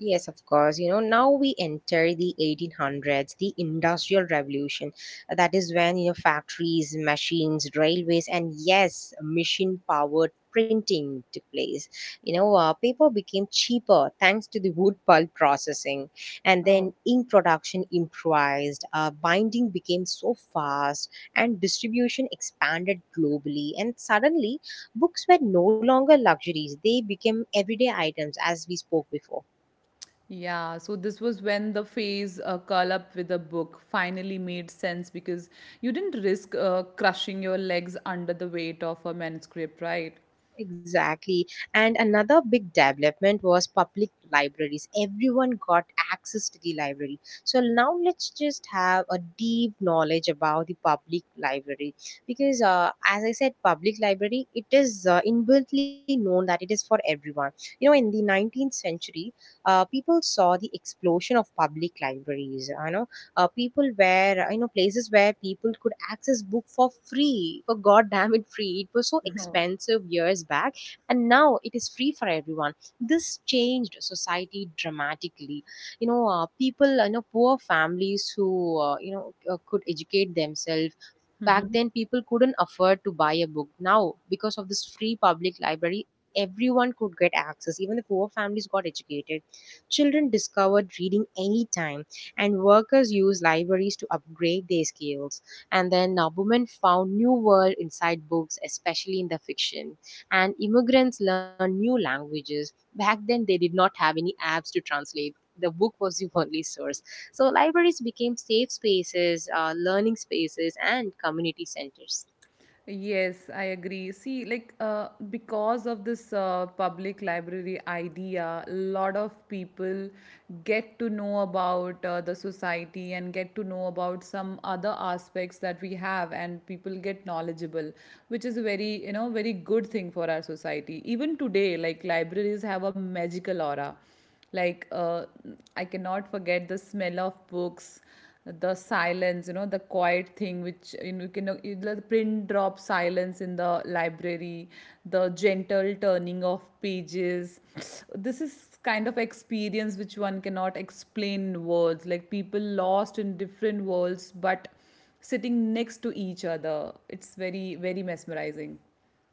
[SPEAKER 1] Yes, of course. You know, now we enter the 1800s, the Industrial Revolution. That is when, you know, factories, machines, railways, and yes, machine powered printing took place. You know, paper became cheaper thanks to the wood pulp processing. And
[SPEAKER 2] Oh.
[SPEAKER 1] then ink production improvised, binding became so fast, and distribution expanded globally. And suddenly, books were no longer luxuries, they became everyday items, as we spoke before.
[SPEAKER 2] Yeah, so this was when the phase curl up with a book finally made sense because you didn't risk crushing your legs under the weight of a manuscript, right?
[SPEAKER 1] Exactly. And another big development was public libraries. Everyone got access to the library. So now let's just have a deep knowledge about the public library because as I said, public library, it is inbuiltly known that it is for everyone. You know, in the 19th century, people saw the explosion of public libraries. You know, people, where, you know, places where people could access book for free. For god damn it, free. It was so expensive years back, and now it is free for everyone. This changed society dramatically. You know, people, you know, poor families who, could educate themselves. Back then people couldn't afford to buy a book. Now because of this free public library, everyone could get access. Even the poor families got educated. Children discovered reading anytime, and workers used libraries to upgrade their skills. And then found new world inside books, especially in the fiction. And immigrants learned new languages. Back then, they did not have any apps to translate. The book was the only source. So libraries became safe spaces, learning spaces, and community centers.
[SPEAKER 2] Yes, I agree. See, like because of this public library idea, a lot of people get to know about the society and get to know about some other aspects that we have, and people get knowledgeable, which is a very, very good thing for our society. Even today, like libraries have a magical aura like I cannot forget the smell of books, the silence, you know the quiet thing which you know you can you know, the print drop silence in the library, the gentle turning of pages. This is kind of experience which one cannot explain in words, like people lost in different worlds but sitting next to each other. It's very mesmerizing.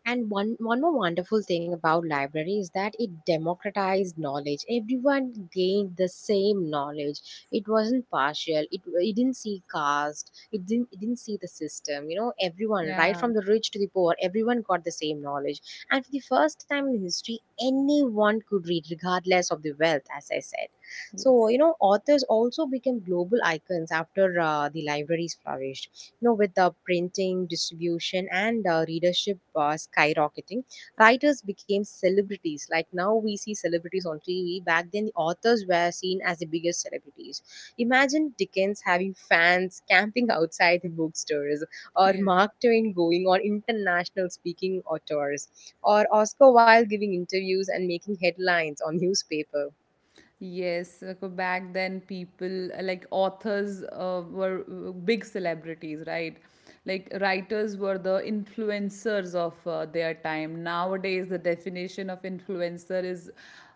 [SPEAKER 1] And one more wonderful thing about library is that it democratized knowledge. Everyone gained the same knowledge. It wasn't partial. It didn't see caste. It didn't see the system. You know, everyone, right
[SPEAKER 2] Yeah.
[SPEAKER 1] from the rich to the poor, everyone got the same knowledge. And for the first time in history, anyone could read, regardless of the wealth, as I said. So
[SPEAKER 2] Yes.
[SPEAKER 1] you know, authors also became global icons after the libraries flourished. You know, with the printing, distribution, and readership skyrocketing, writers became celebrities. Like now we see celebrities on TV. Back then, the authors were seen as the biggest celebrities. Imagine Dickens having fans camping outside the bookstores, or
[SPEAKER 2] Yeah.
[SPEAKER 1] Mark Twain going on international speaking tours, or Oscar Wilde giving interviews and making headlines on newspapers.
[SPEAKER 2] Yes, like, back then people like authors were big celebrities, right? Like writers were the influencers of their time. Nowadays, the definition of influencer is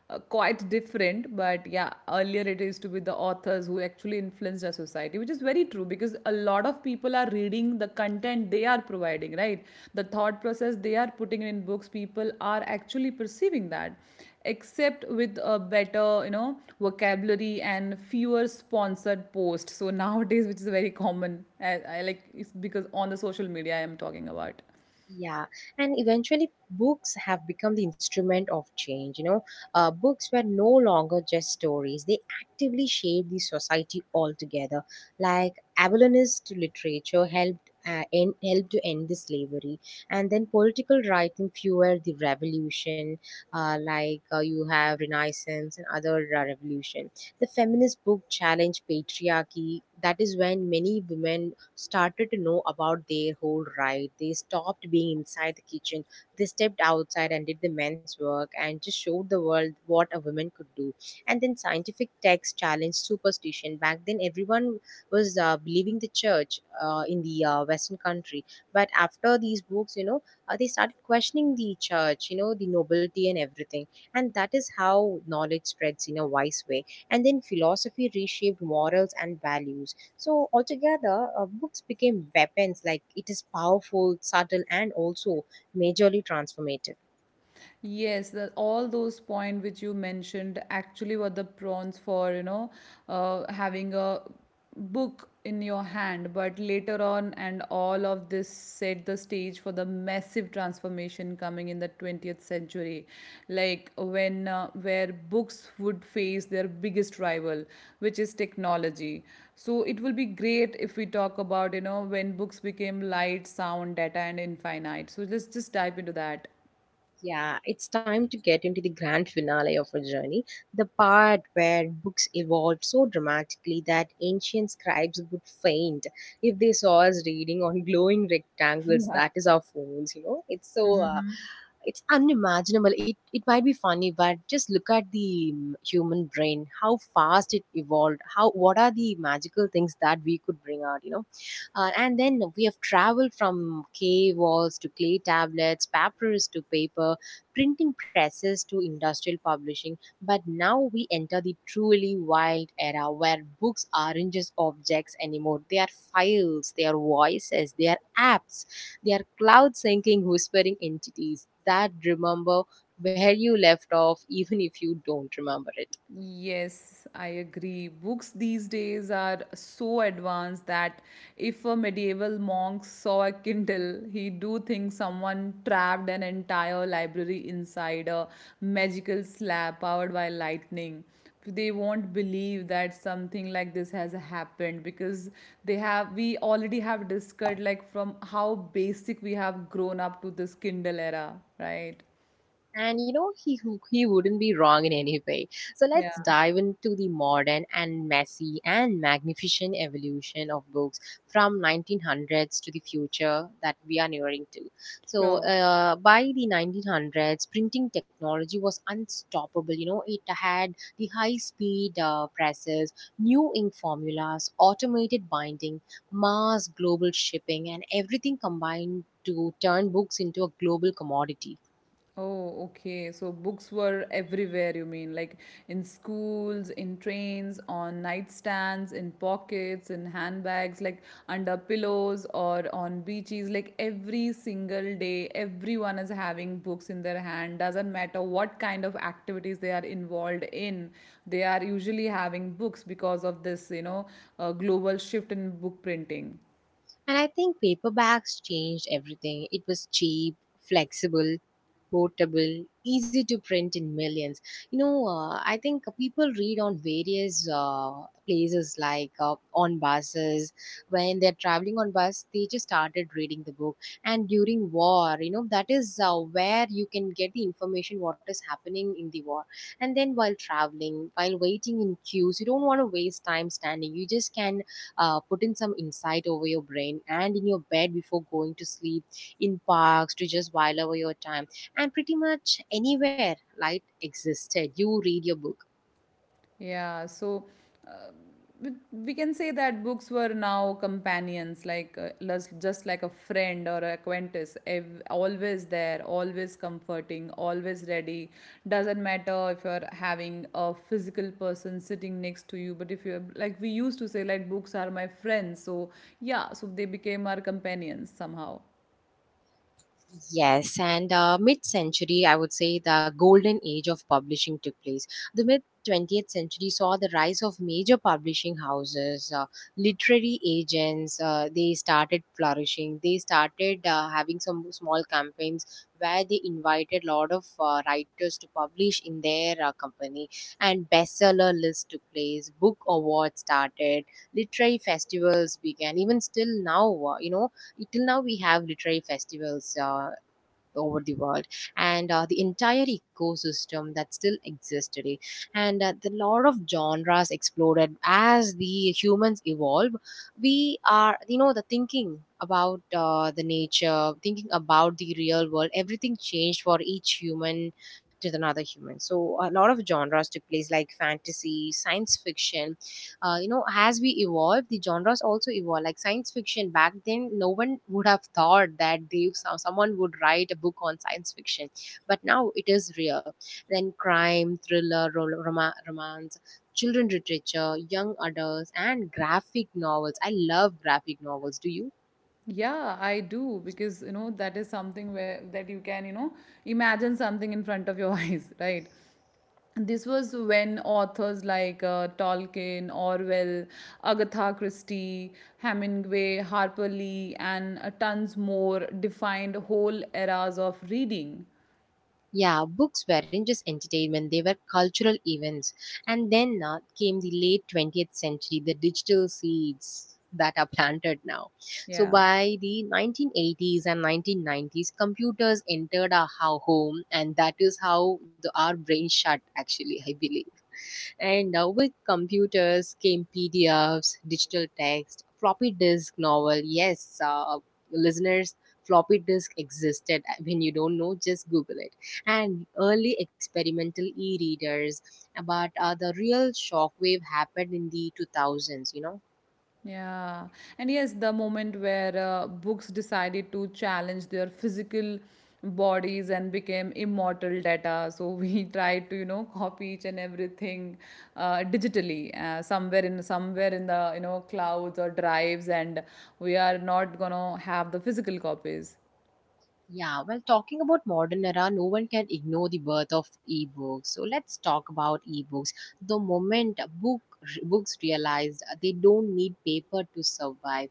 [SPEAKER 2] quite different, but yeah, earlier it used to be the authors who actually influenced our society, which is very true because a lot of people are reading the content they are providing, right? The thought process they are putting in books, people are actually perceiving that, except with a better, vocabulary and fewer sponsored posts. So nowadays, which is very common, I like it's because on the social media I am talking about.
[SPEAKER 1] Yeah, and eventually books have become the instrument of change. You know, books were no longer just stories, they actively shaped the society altogether. Like abolitionist literature helped. Helped to end the slavery, and then political writing fueled the revolution, you have renaissance and other revolution. The feminist book challenged patriarchy. That is when many women started to know about their whole ride. They stopped being inside the kitchen. They stepped outside and did the men's work and just showed the world what a woman could do. And then scientific texts challenged superstition. Back then, everyone was believing the church in the Western country. But after these books, you know, they started questioning the church, you know, the nobility and everything. And that is how knowledge spreads in a wise way. And then philosophy reshaped morals and values. So altogether, books became weapons. Like it is powerful, subtle, and also majorly transformative.
[SPEAKER 2] Yes, the, all those point which you mentioned actually were the prawns for, having a book in your hand. But later on, and all of this set the stage for the massive transformation coming in the 20th century, like when where books would face their biggest rival, which is technology. So it will be great if we talk about, when books became light, sound, data, and infinite. So let's just dive into that.
[SPEAKER 1] Yeah, it's time to get into the grand finale of our journey, the part where books evolved so dramatically that ancient scribes would faint if they saw us reading on glowing rectangles. That is our phones, you know. It's so it's unimaginable. It might be funny, but just look at the human brain, how fast it evolved, how what are the magical things that we could bring out, you know? And then we have traveled from cave walls to clay tablets, papyrus to paper, printing presses to industrial publishing. But now we enter the truly wild era where books aren't just objects anymore. They are files, they are voices, they are apps, they are cloud syncing, whispering entities that remember where you left off, even if you don't remember it.
[SPEAKER 2] Yes, I agree. Books these days are so advanced that if a medieval monk saw a Kindle, he do think someone trapped an entire library inside a magical slab powered by lightning. They won't believe that something like this has happened because they have we already have discussed like from how basic we have grown up to this Kindle era, right?
[SPEAKER 1] And you know, he wouldn't be wrong in any way. So
[SPEAKER 2] Yeah,
[SPEAKER 1] let's dive into the modern and messy and magnificent evolution of books, from 1900s to the future that we are nearing to. So
[SPEAKER 2] sure.
[SPEAKER 1] by the 1900s, printing technology was unstoppable. You know, it had the high-speed presses, new ink formulas, automated binding, mass global shipping, and everything combined to turn books into a global commodity.
[SPEAKER 2] Oh, okay. So books were everywhere, you mean, like in schools, in trains, on nightstands, in pockets, in handbags, like under pillows or on beaches. Like every single day, everyone is having books in their hand. Doesn't matter what kind of activities they are involved in, they are usually having books because of this, global shift in book printing.
[SPEAKER 1] And I think paperbacks changed everything. It was cheap, flexible, portable, easy to print in millions. You know, I think people read on various places like on buses. When they're traveling on bus, they just started reading the book. And during war, you know, that is where you can get the information what is happening in the war. And then while traveling, while waiting in queues, you don't want to waste time standing. You just can put in some insight over your brain, and in your bed before going to sleep, in parks to just while over your time, and pretty much anywhere light existed you read your book.
[SPEAKER 2] Yeah, so but we can say that books were now companions, like just like a friend or a acquaintance, always there, always comforting, always ready. Doesn't matter if you're having a physical person sitting next to you, but if you're like we used to say, like books are my friends. So yeah, so they became our companions somehow.
[SPEAKER 1] Yes, and mid century, I would say the golden age of publishing took place. The mid 20th century saw the rise of major publishing houses, literary agents, they started flourishing. They started having some small campaigns where they invited a lot of writers to publish in their company, and bestseller lists took place, book awards started, literary festivals began. Even still now, you know, till now we have literary festivals over the world, and the entire ecosystem that still exists today. And the lot of genres exploded as the humans evolve. We are, you know, the thinking about the nature, thinking about the real world, everything changed for each human to another human. So a lot of genres took place, like fantasy, science fiction, you know, as we evolve the genres also evolve. Like science fiction, back then no one would have thought that someone would write a book on science fiction, but now it is real. Then crime, thriller, romance, children literature, young adults, and graphic novels. I love graphic novels, do you?
[SPEAKER 2] Yeah, I do because you know that is something where that you can imagine something in front of your eyes, right? This was when authors like Tolkien, Orwell, Agatha Christie, Hemingway, Harper Lee, and tons more defined whole eras of reading.
[SPEAKER 1] Yeah, books weren't just entertainment, they were cultural events. And then came the late 20th century, the digital seeds that are planted now. So
[SPEAKER 2] Yeah.
[SPEAKER 1] by the 1980s and 1990s, computers entered our home, and that is how the, our brain shut, actually, I believe. And now with computers came PDFs, digital text, floppy disk novel. Yes, listeners, floppy disk existed. When you don't know, just Google it. And early experimental e-readers. But the real shockwave happened in the 2000s, you know.
[SPEAKER 2] Yeah. And yes, the moment where books decided to challenge their physical bodies and became immortal data. So we tried to, copy each and everything digitally, somewhere in somewhere in the, clouds or drives, and we are not gonna have the physical copies.
[SPEAKER 1] Yeah, well, talking about modern era, no one can ignore the birth of ebooks. So let's talk about ebooks. The moment books realized they don't need paper to survive.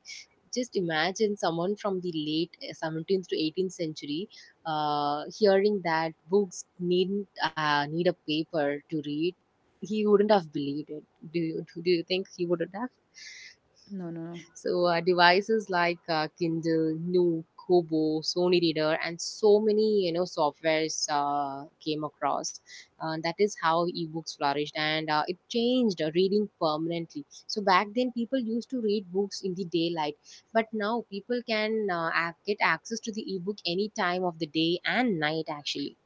[SPEAKER 1] Just imagine someone from the late 17th to 18th century hearing that books needn't need a paper to read. He wouldn't have believed it. Do you think he would have?
[SPEAKER 2] No, no, no.
[SPEAKER 1] So devices like Kindle, Nook, Kobo, Sony Reader, and so many, you know, softwares came across. That is how ebooks flourished, and it changed reading permanently. So back then, people used to read books in the daylight, but now people can get access to the ebook any time of the day and night. Actually,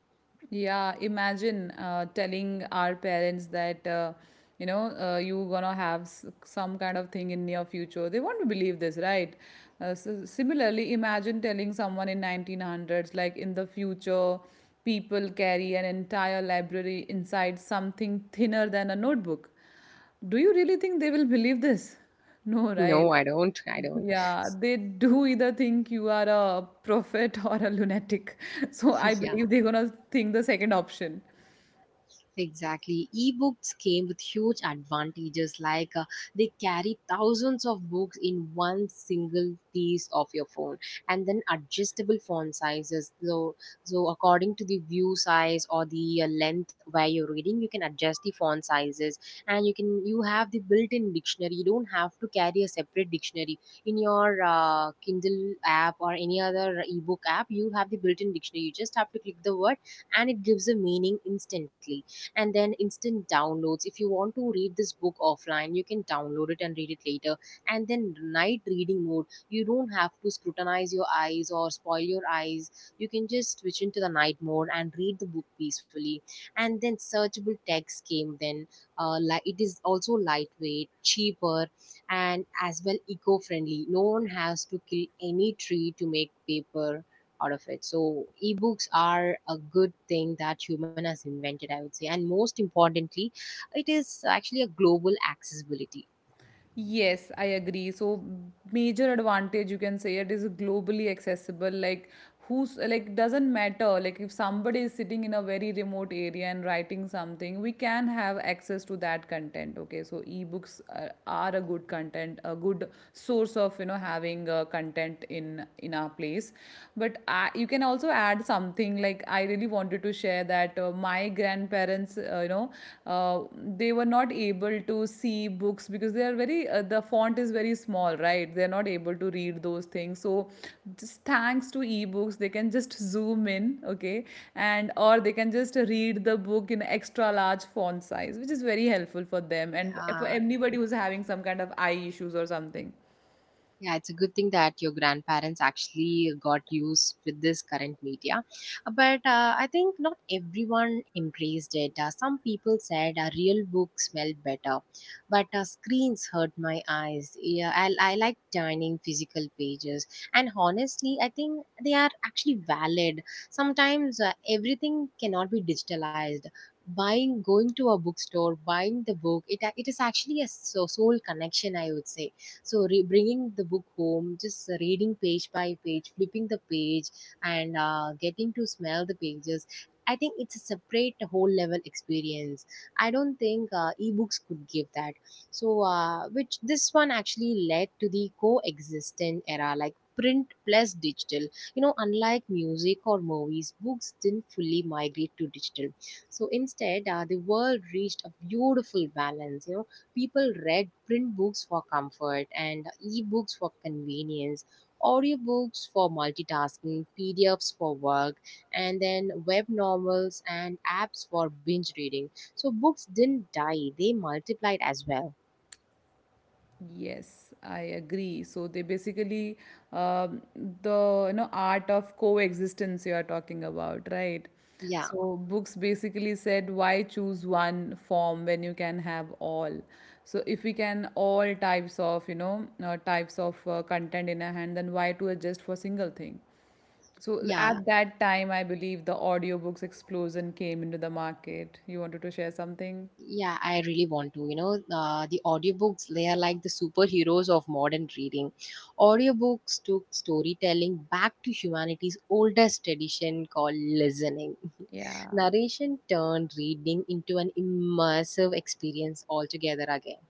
[SPEAKER 2] Yeah, imagine telling our parents that you gonna have some kind of thing in near future. They won't believe this, right? So similarly, imagine telling someone in 1900s like in the future people carry an entire library inside something thinner than a notebook. Do you really think they will believe this? No, right?
[SPEAKER 1] no, I don't. I don't.
[SPEAKER 2] Yeah, they do either think you are a prophet or a lunatic. So I
[SPEAKER 1] Yeah.
[SPEAKER 2] believe they're gonna think the second option.
[SPEAKER 1] Exactly. Ebooks came with huge advantages like they carry thousands of books in one single piece of your phone, and then adjustable font sizes. So, according to the view size or the length where you're reading, you can adjust the font sizes, and you have the built-in dictionary. You don't have to carry a separate dictionary in your Kindle app or any other ebook app. You have the built-in dictionary. You just have to click the word and it gives a meaning instantly. And then instant downloads: if you want to read this book offline, you can download it and read it later. And then night reading mode: you don't have to scrutinize your eyes or spoil your eyes, you can just switch into the night mode and read the book peacefully. And then searchable text came. Then it is also lightweight, cheaper, and as well eco-friendly. No one has to kill any tree to make paper out of it. So ebooks are a good thing that human has invented, I would say. And most importantly, it is actually a global accessibility.
[SPEAKER 2] Yes, I agree. So major advantage you can say it is globally accessible. Like who's like doesn't matter. Like if somebody is sitting in a very remote area and writing something, we can have access to that content. Okay, so ebooks are a good content, a good source of you know having content in our place. But I, you can also add something like I really want wanted to share that my grandparents, uh, they were not able to see books because they are very, the font is very small, right? They're not able to read those things. So, just thanks to ebooks, they can just zoom in, okay? And, or they can just read the book in extra large font size, which is very helpful for them and for
[SPEAKER 1] Yeah.
[SPEAKER 2] anybody who's having some kind of eye issues or something.
[SPEAKER 1] Yeah, it's a good thing that your grandparents actually got used with this current media. But I think not everyone embraced it. Some people said a real book smelled better, but screens hurt my eyes. Yeah, I like turning physical pages. And honestly, I think they are actually valid. Sometimes everything cannot be digitalized. Buying, going to a bookstore, buying the book, it is actually a soul connection, I would say. So bringing the book home, just reading page by page, flipping the page and getting to smell the pages, I think it's a separate whole level experience. I don't think ebooks could give that. So, which this one actually led to the coexistent era, like print plus digital. You know, unlike music or movies, books didn't fully migrate to digital. So instead, the world reached a beautiful balance, you know. People read print books for comfort and e-books for convenience, audiobooks for multitasking, PDFs for work, and then web novels and apps for binge reading. So books didn't die, they multiplied as well.
[SPEAKER 2] Yes, I agree. So they basically um, the you know art of coexistence you are talking about, right?
[SPEAKER 1] Yeah,
[SPEAKER 2] So books basically said why choose one form when you can have all. So if we can all types of types of content in a hand, then why to adjust for single thing? So at
[SPEAKER 1] yeah.
[SPEAKER 2] that time, I believe the audiobooks explosion came into the market. You wanted to share something?
[SPEAKER 1] Yeah, I really want to. The audiobooks, they are like the superheroes of modern reading. Audiobooks took storytelling back to humanity's oldest tradition called listening.
[SPEAKER 2] Yeah.
[SPEAKER 1] Narration turned reading into an immersive experience altogether again.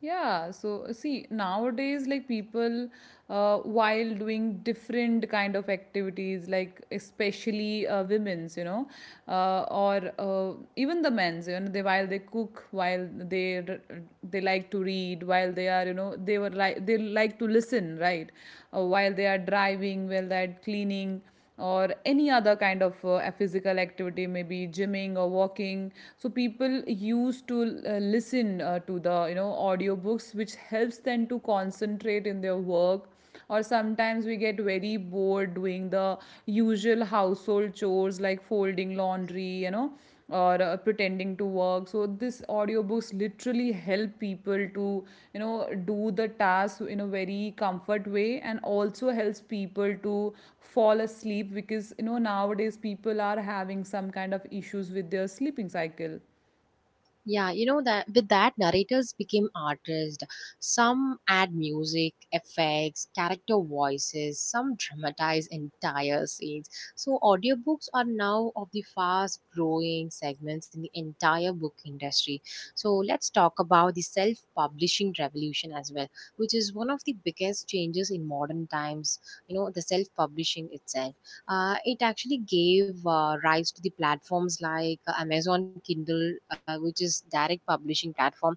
[SPEAKER 2] Yeah, so see, nowadays, like people, while doing different kind of activities, like especially women's, or even the men's, you know, they while they cook, they like to read, while they are, you know, they were like they like to listen, right? While they are driving, while they are cleaning or any other kind of physical activity, maybe gymming or walking. So people used to listen to the, you know, audiobooks, which helps them to concentrate in their work. Or sometimes we get very bored doing the usual household chores like folding laundry, or pretending to work. So this audiobooks literally help people to, you know, do the task in a very comfort way, and also helps people to fall asleep, because, you know, nowadays people are having some kind of issues with their sleeping cycle.
[SPEAKER 1] Yeah, you know, that with that narrators became artists. Some add music, effects, character voices, some dramatize entire scenes. So audiobooks are now of the fast growing segments in the entire book industry. So let's talk about the self-publishing revolution as well, which is one of the biggest changes in modern times. You know, the self-publishing itself, it actually gave rise to the platforms like Amazon Kindle, which is direct publishing platform.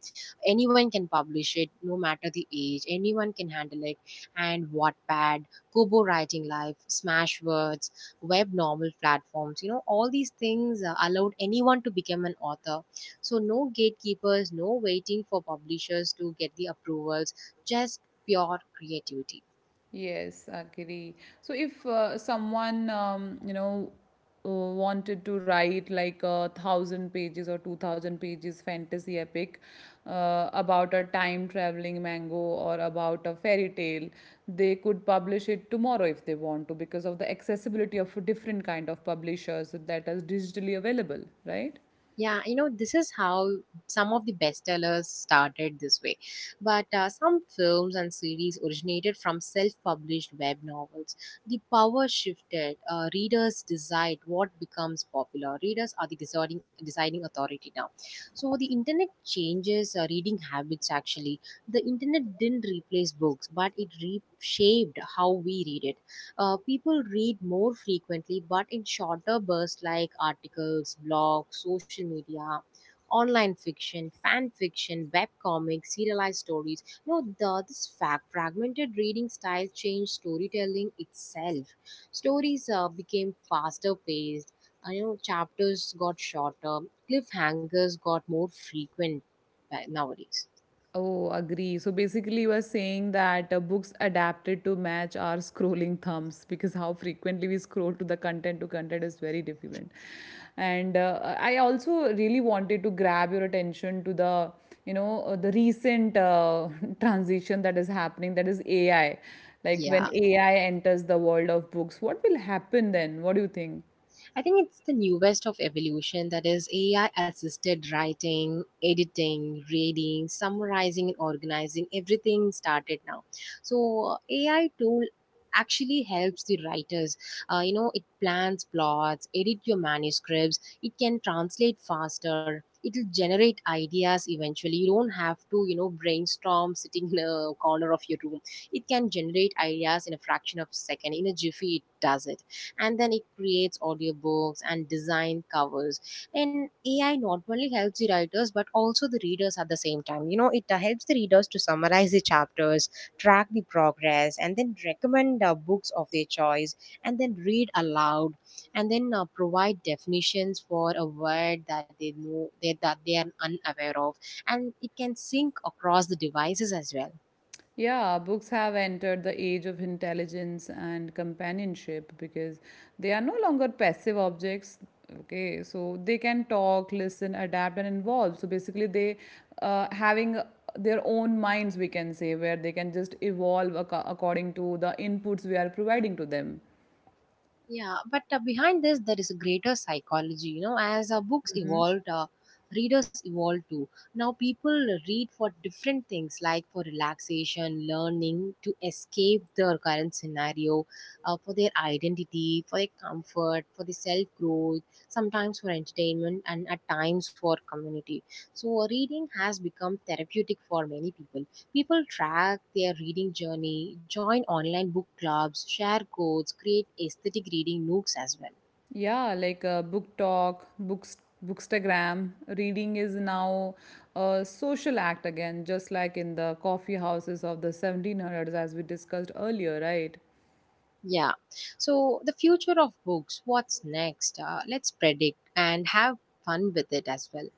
[SPEAKER 1] Anyone can publish it, no matter the age. Anyone can handle it. And Wattpad, Kobo Writing Life, Smashwords, web novel platforms. You know, all these things allowed anyone to become an author. So no gatekeepers, no waiting for publishers to get the approvals. Just pure creativity.
[SPEAKER 2] Yes, agree. So if someone, wanted to write like 1,000 pages or 2,000 pages fantasy epic about a time traveling mango or about a fairy tale, they could publish it tomorrow if they want to, because of the accessibility of different kind of publishers that is digitally available, right?
[SPEAKER 1] Yeah, you know, this is how some of the bestsellers started this way. But some films and series originated from self published web novels. The power shifted. Readers decide what becomes popular. Readers are the deciding authority now. So the internet changes reading habits actually. The internet didn't replace books, but it reshaped how we read it. People read more frequently, but in shorter bursts, like articles, blogs, social media, online fiction, fan fiction, web comics, serialized stories. No, the, this fact fragmented reading style changed storytelling itself. Stories became faster paced. I know, chapters got shorter. Cliffhangers got more frequent nowadays.
[SPEAKER 2] Oh, agree. So basically, you are saying that books adapted to match our scrolling thumbs, because how frequently we scroll to the content to content is very different. And I also really wanted to grab your attention to the recent transition that is happening, that is AI. Like,
[SPEAKER 1] Yeah.
[SPEAKER 2] when AI enters the world of books, what will happen then? What do you think?
[SPEAKER 1] I think it's the newest of evolution, that is AI assisted writing, editing, reading, summarizing, and organizing. Everything started now. So, AI tool actually helps the writers. You know, it plans plots, edit your manuscripts, it can translate faster. It'll generate ideas eventually. You don't have to, you know, brainstorm sitting in a corner of your room. It can generate ideas in a fraction of a second. In a jiffy, it does it. And then it creates audiobooks and design covers. And AI not only helps the writers but also the readers at the same time. You know, it helps the readers to summarize the chapters, track the progress, and then recommend books of their choice, and then read aloud, and then provide definitions for a word that they know, that they are unaware of. And it can sync across the devices as well.
[SPEAKER 2] Yeah, books have entered the age of intelligence and companionship, because they are no longer passive objects. Okay, so they can talk, listen, adapt, and evolve. So basically, they having their own minds, we can say, where they can just evolve according to the inputs we are providing to them.
[SPEAKER 1] Yeah, but behind this, there is a greater psychology. You know, as our books evolved, readers evolved too. Now, people read for different things, like for relaxation, learning, to escape their current scenario, for their identity, for their comfort, for the self growth, sometimes for entertainment, and at times for community. So, reading has become therapeutic for many people. People track their reading journey, join online book clubs, share codes, create aesthetic reading nooks as well.
[SPEAKER 2] Yeah, like book talk, books, bookstagram. Reading is now a social act again, just like in the coffee houses of the 1700s, as we discussed earlier, right?
[SPEAKER 1] Yeah. So, the future of books, what's next? Let's predict and have fun with it as well.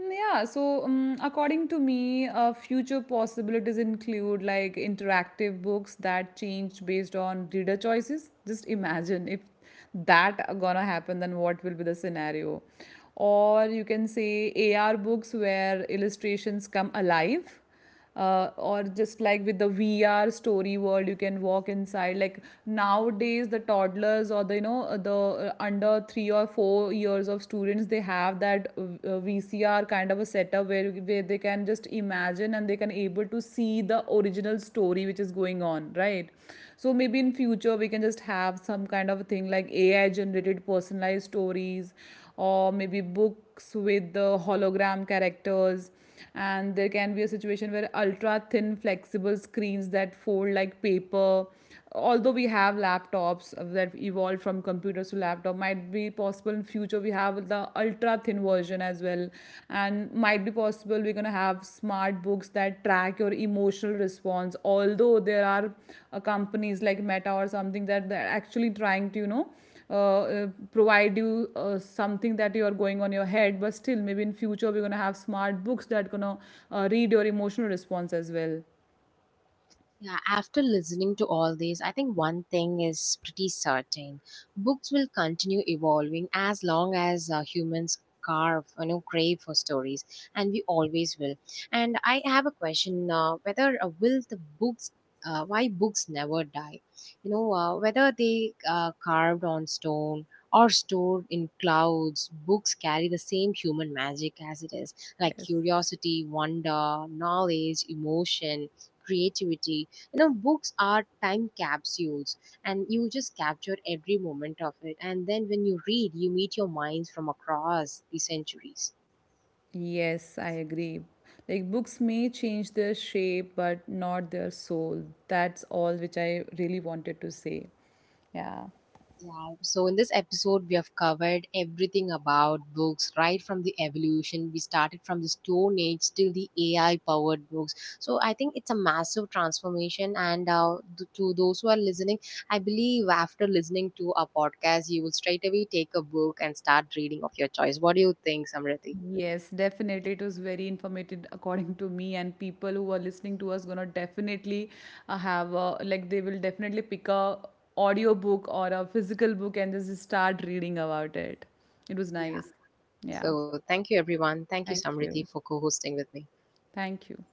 [SPEAKER 2] Yeah, so according to me, future possibilities include like interactive books that change based on reader choices. Just imagine if that gonna happen, then what will be the scenario? Or you can say AR books where illustrations come alive, or just like with the VR story world, you can walk inside. Like nowadays, the toddlers or the you know the under 3 or 4 years of students, they have that VCR kind of a setup where they can just imagine and they can able to see the original story which is going on, right? So maybe in future we can just have some kind of a thing like AI generated personalized stories, or maybe books with the hologram characters. And there can be a situation where ultra thin flexible screens that fold like paper, although we have laptops that evolved from computers to laptop, might be possible in future we have the ultra thin version as well. And might be possible we're going to have smart books that track your emotional response, although there are companies like meta or something that they're actually trying to, you know, uh, uh, provide you something that you are going on your head. But still, maybe in future we're going to have smart books that going to read your emotional response as well.
[SPEAKER 1] Yeah, after listening to all this, I think one thing is pretty certain. Books will continue evolving as long as humans carve, you know, crave for stories, and we always will. And I have a question, whether will the books, why books never die? You know, whether they carved on stone or stored in clouds, books carry the same human magic as it is, like
[SPEAKER 2] Yes.
[SPEAKER 1] curiosity, wonder, knowledge, emotion, creativity. You know, books are time capsules, and you just capture every moment of it, and then when you read, you meet your minds from across the centuries.
[SPEAKER 2] Yes, I agree. Like, books may change their shape, but not their soul. That's all which I really wanted to say. Yeah.
[SPEAKER 1] Yeah. So, in this episode, we have covered everything about books, right from the evolution. We started from the Stone Age till the AI powered books. So, I think it's a massive transformation. And to those who are listening, I believe after listening to our podcast, you will straight away take a book and start reading of your choice. What do you think, Samriti?
[SPEAKER 2] Yes, definitely. It was very informative according to me, and people who are listening to us gonna definitely have a, like they will definitely pick a audio book or a physical book and just start reading about it. It was
[SPEAKER 1] Yeah.
[SPEAKER 2] nice. Yeah.
[SPEAKER 1] So, thank you, everyone. Thank you,
[SPEAKER 2] Thank
[SPEAKER 1] Samriti,
[SPEAKER 2] you.
[SPEAKER 1] for co hosting with me.
[SPEAKER 2] Thank you.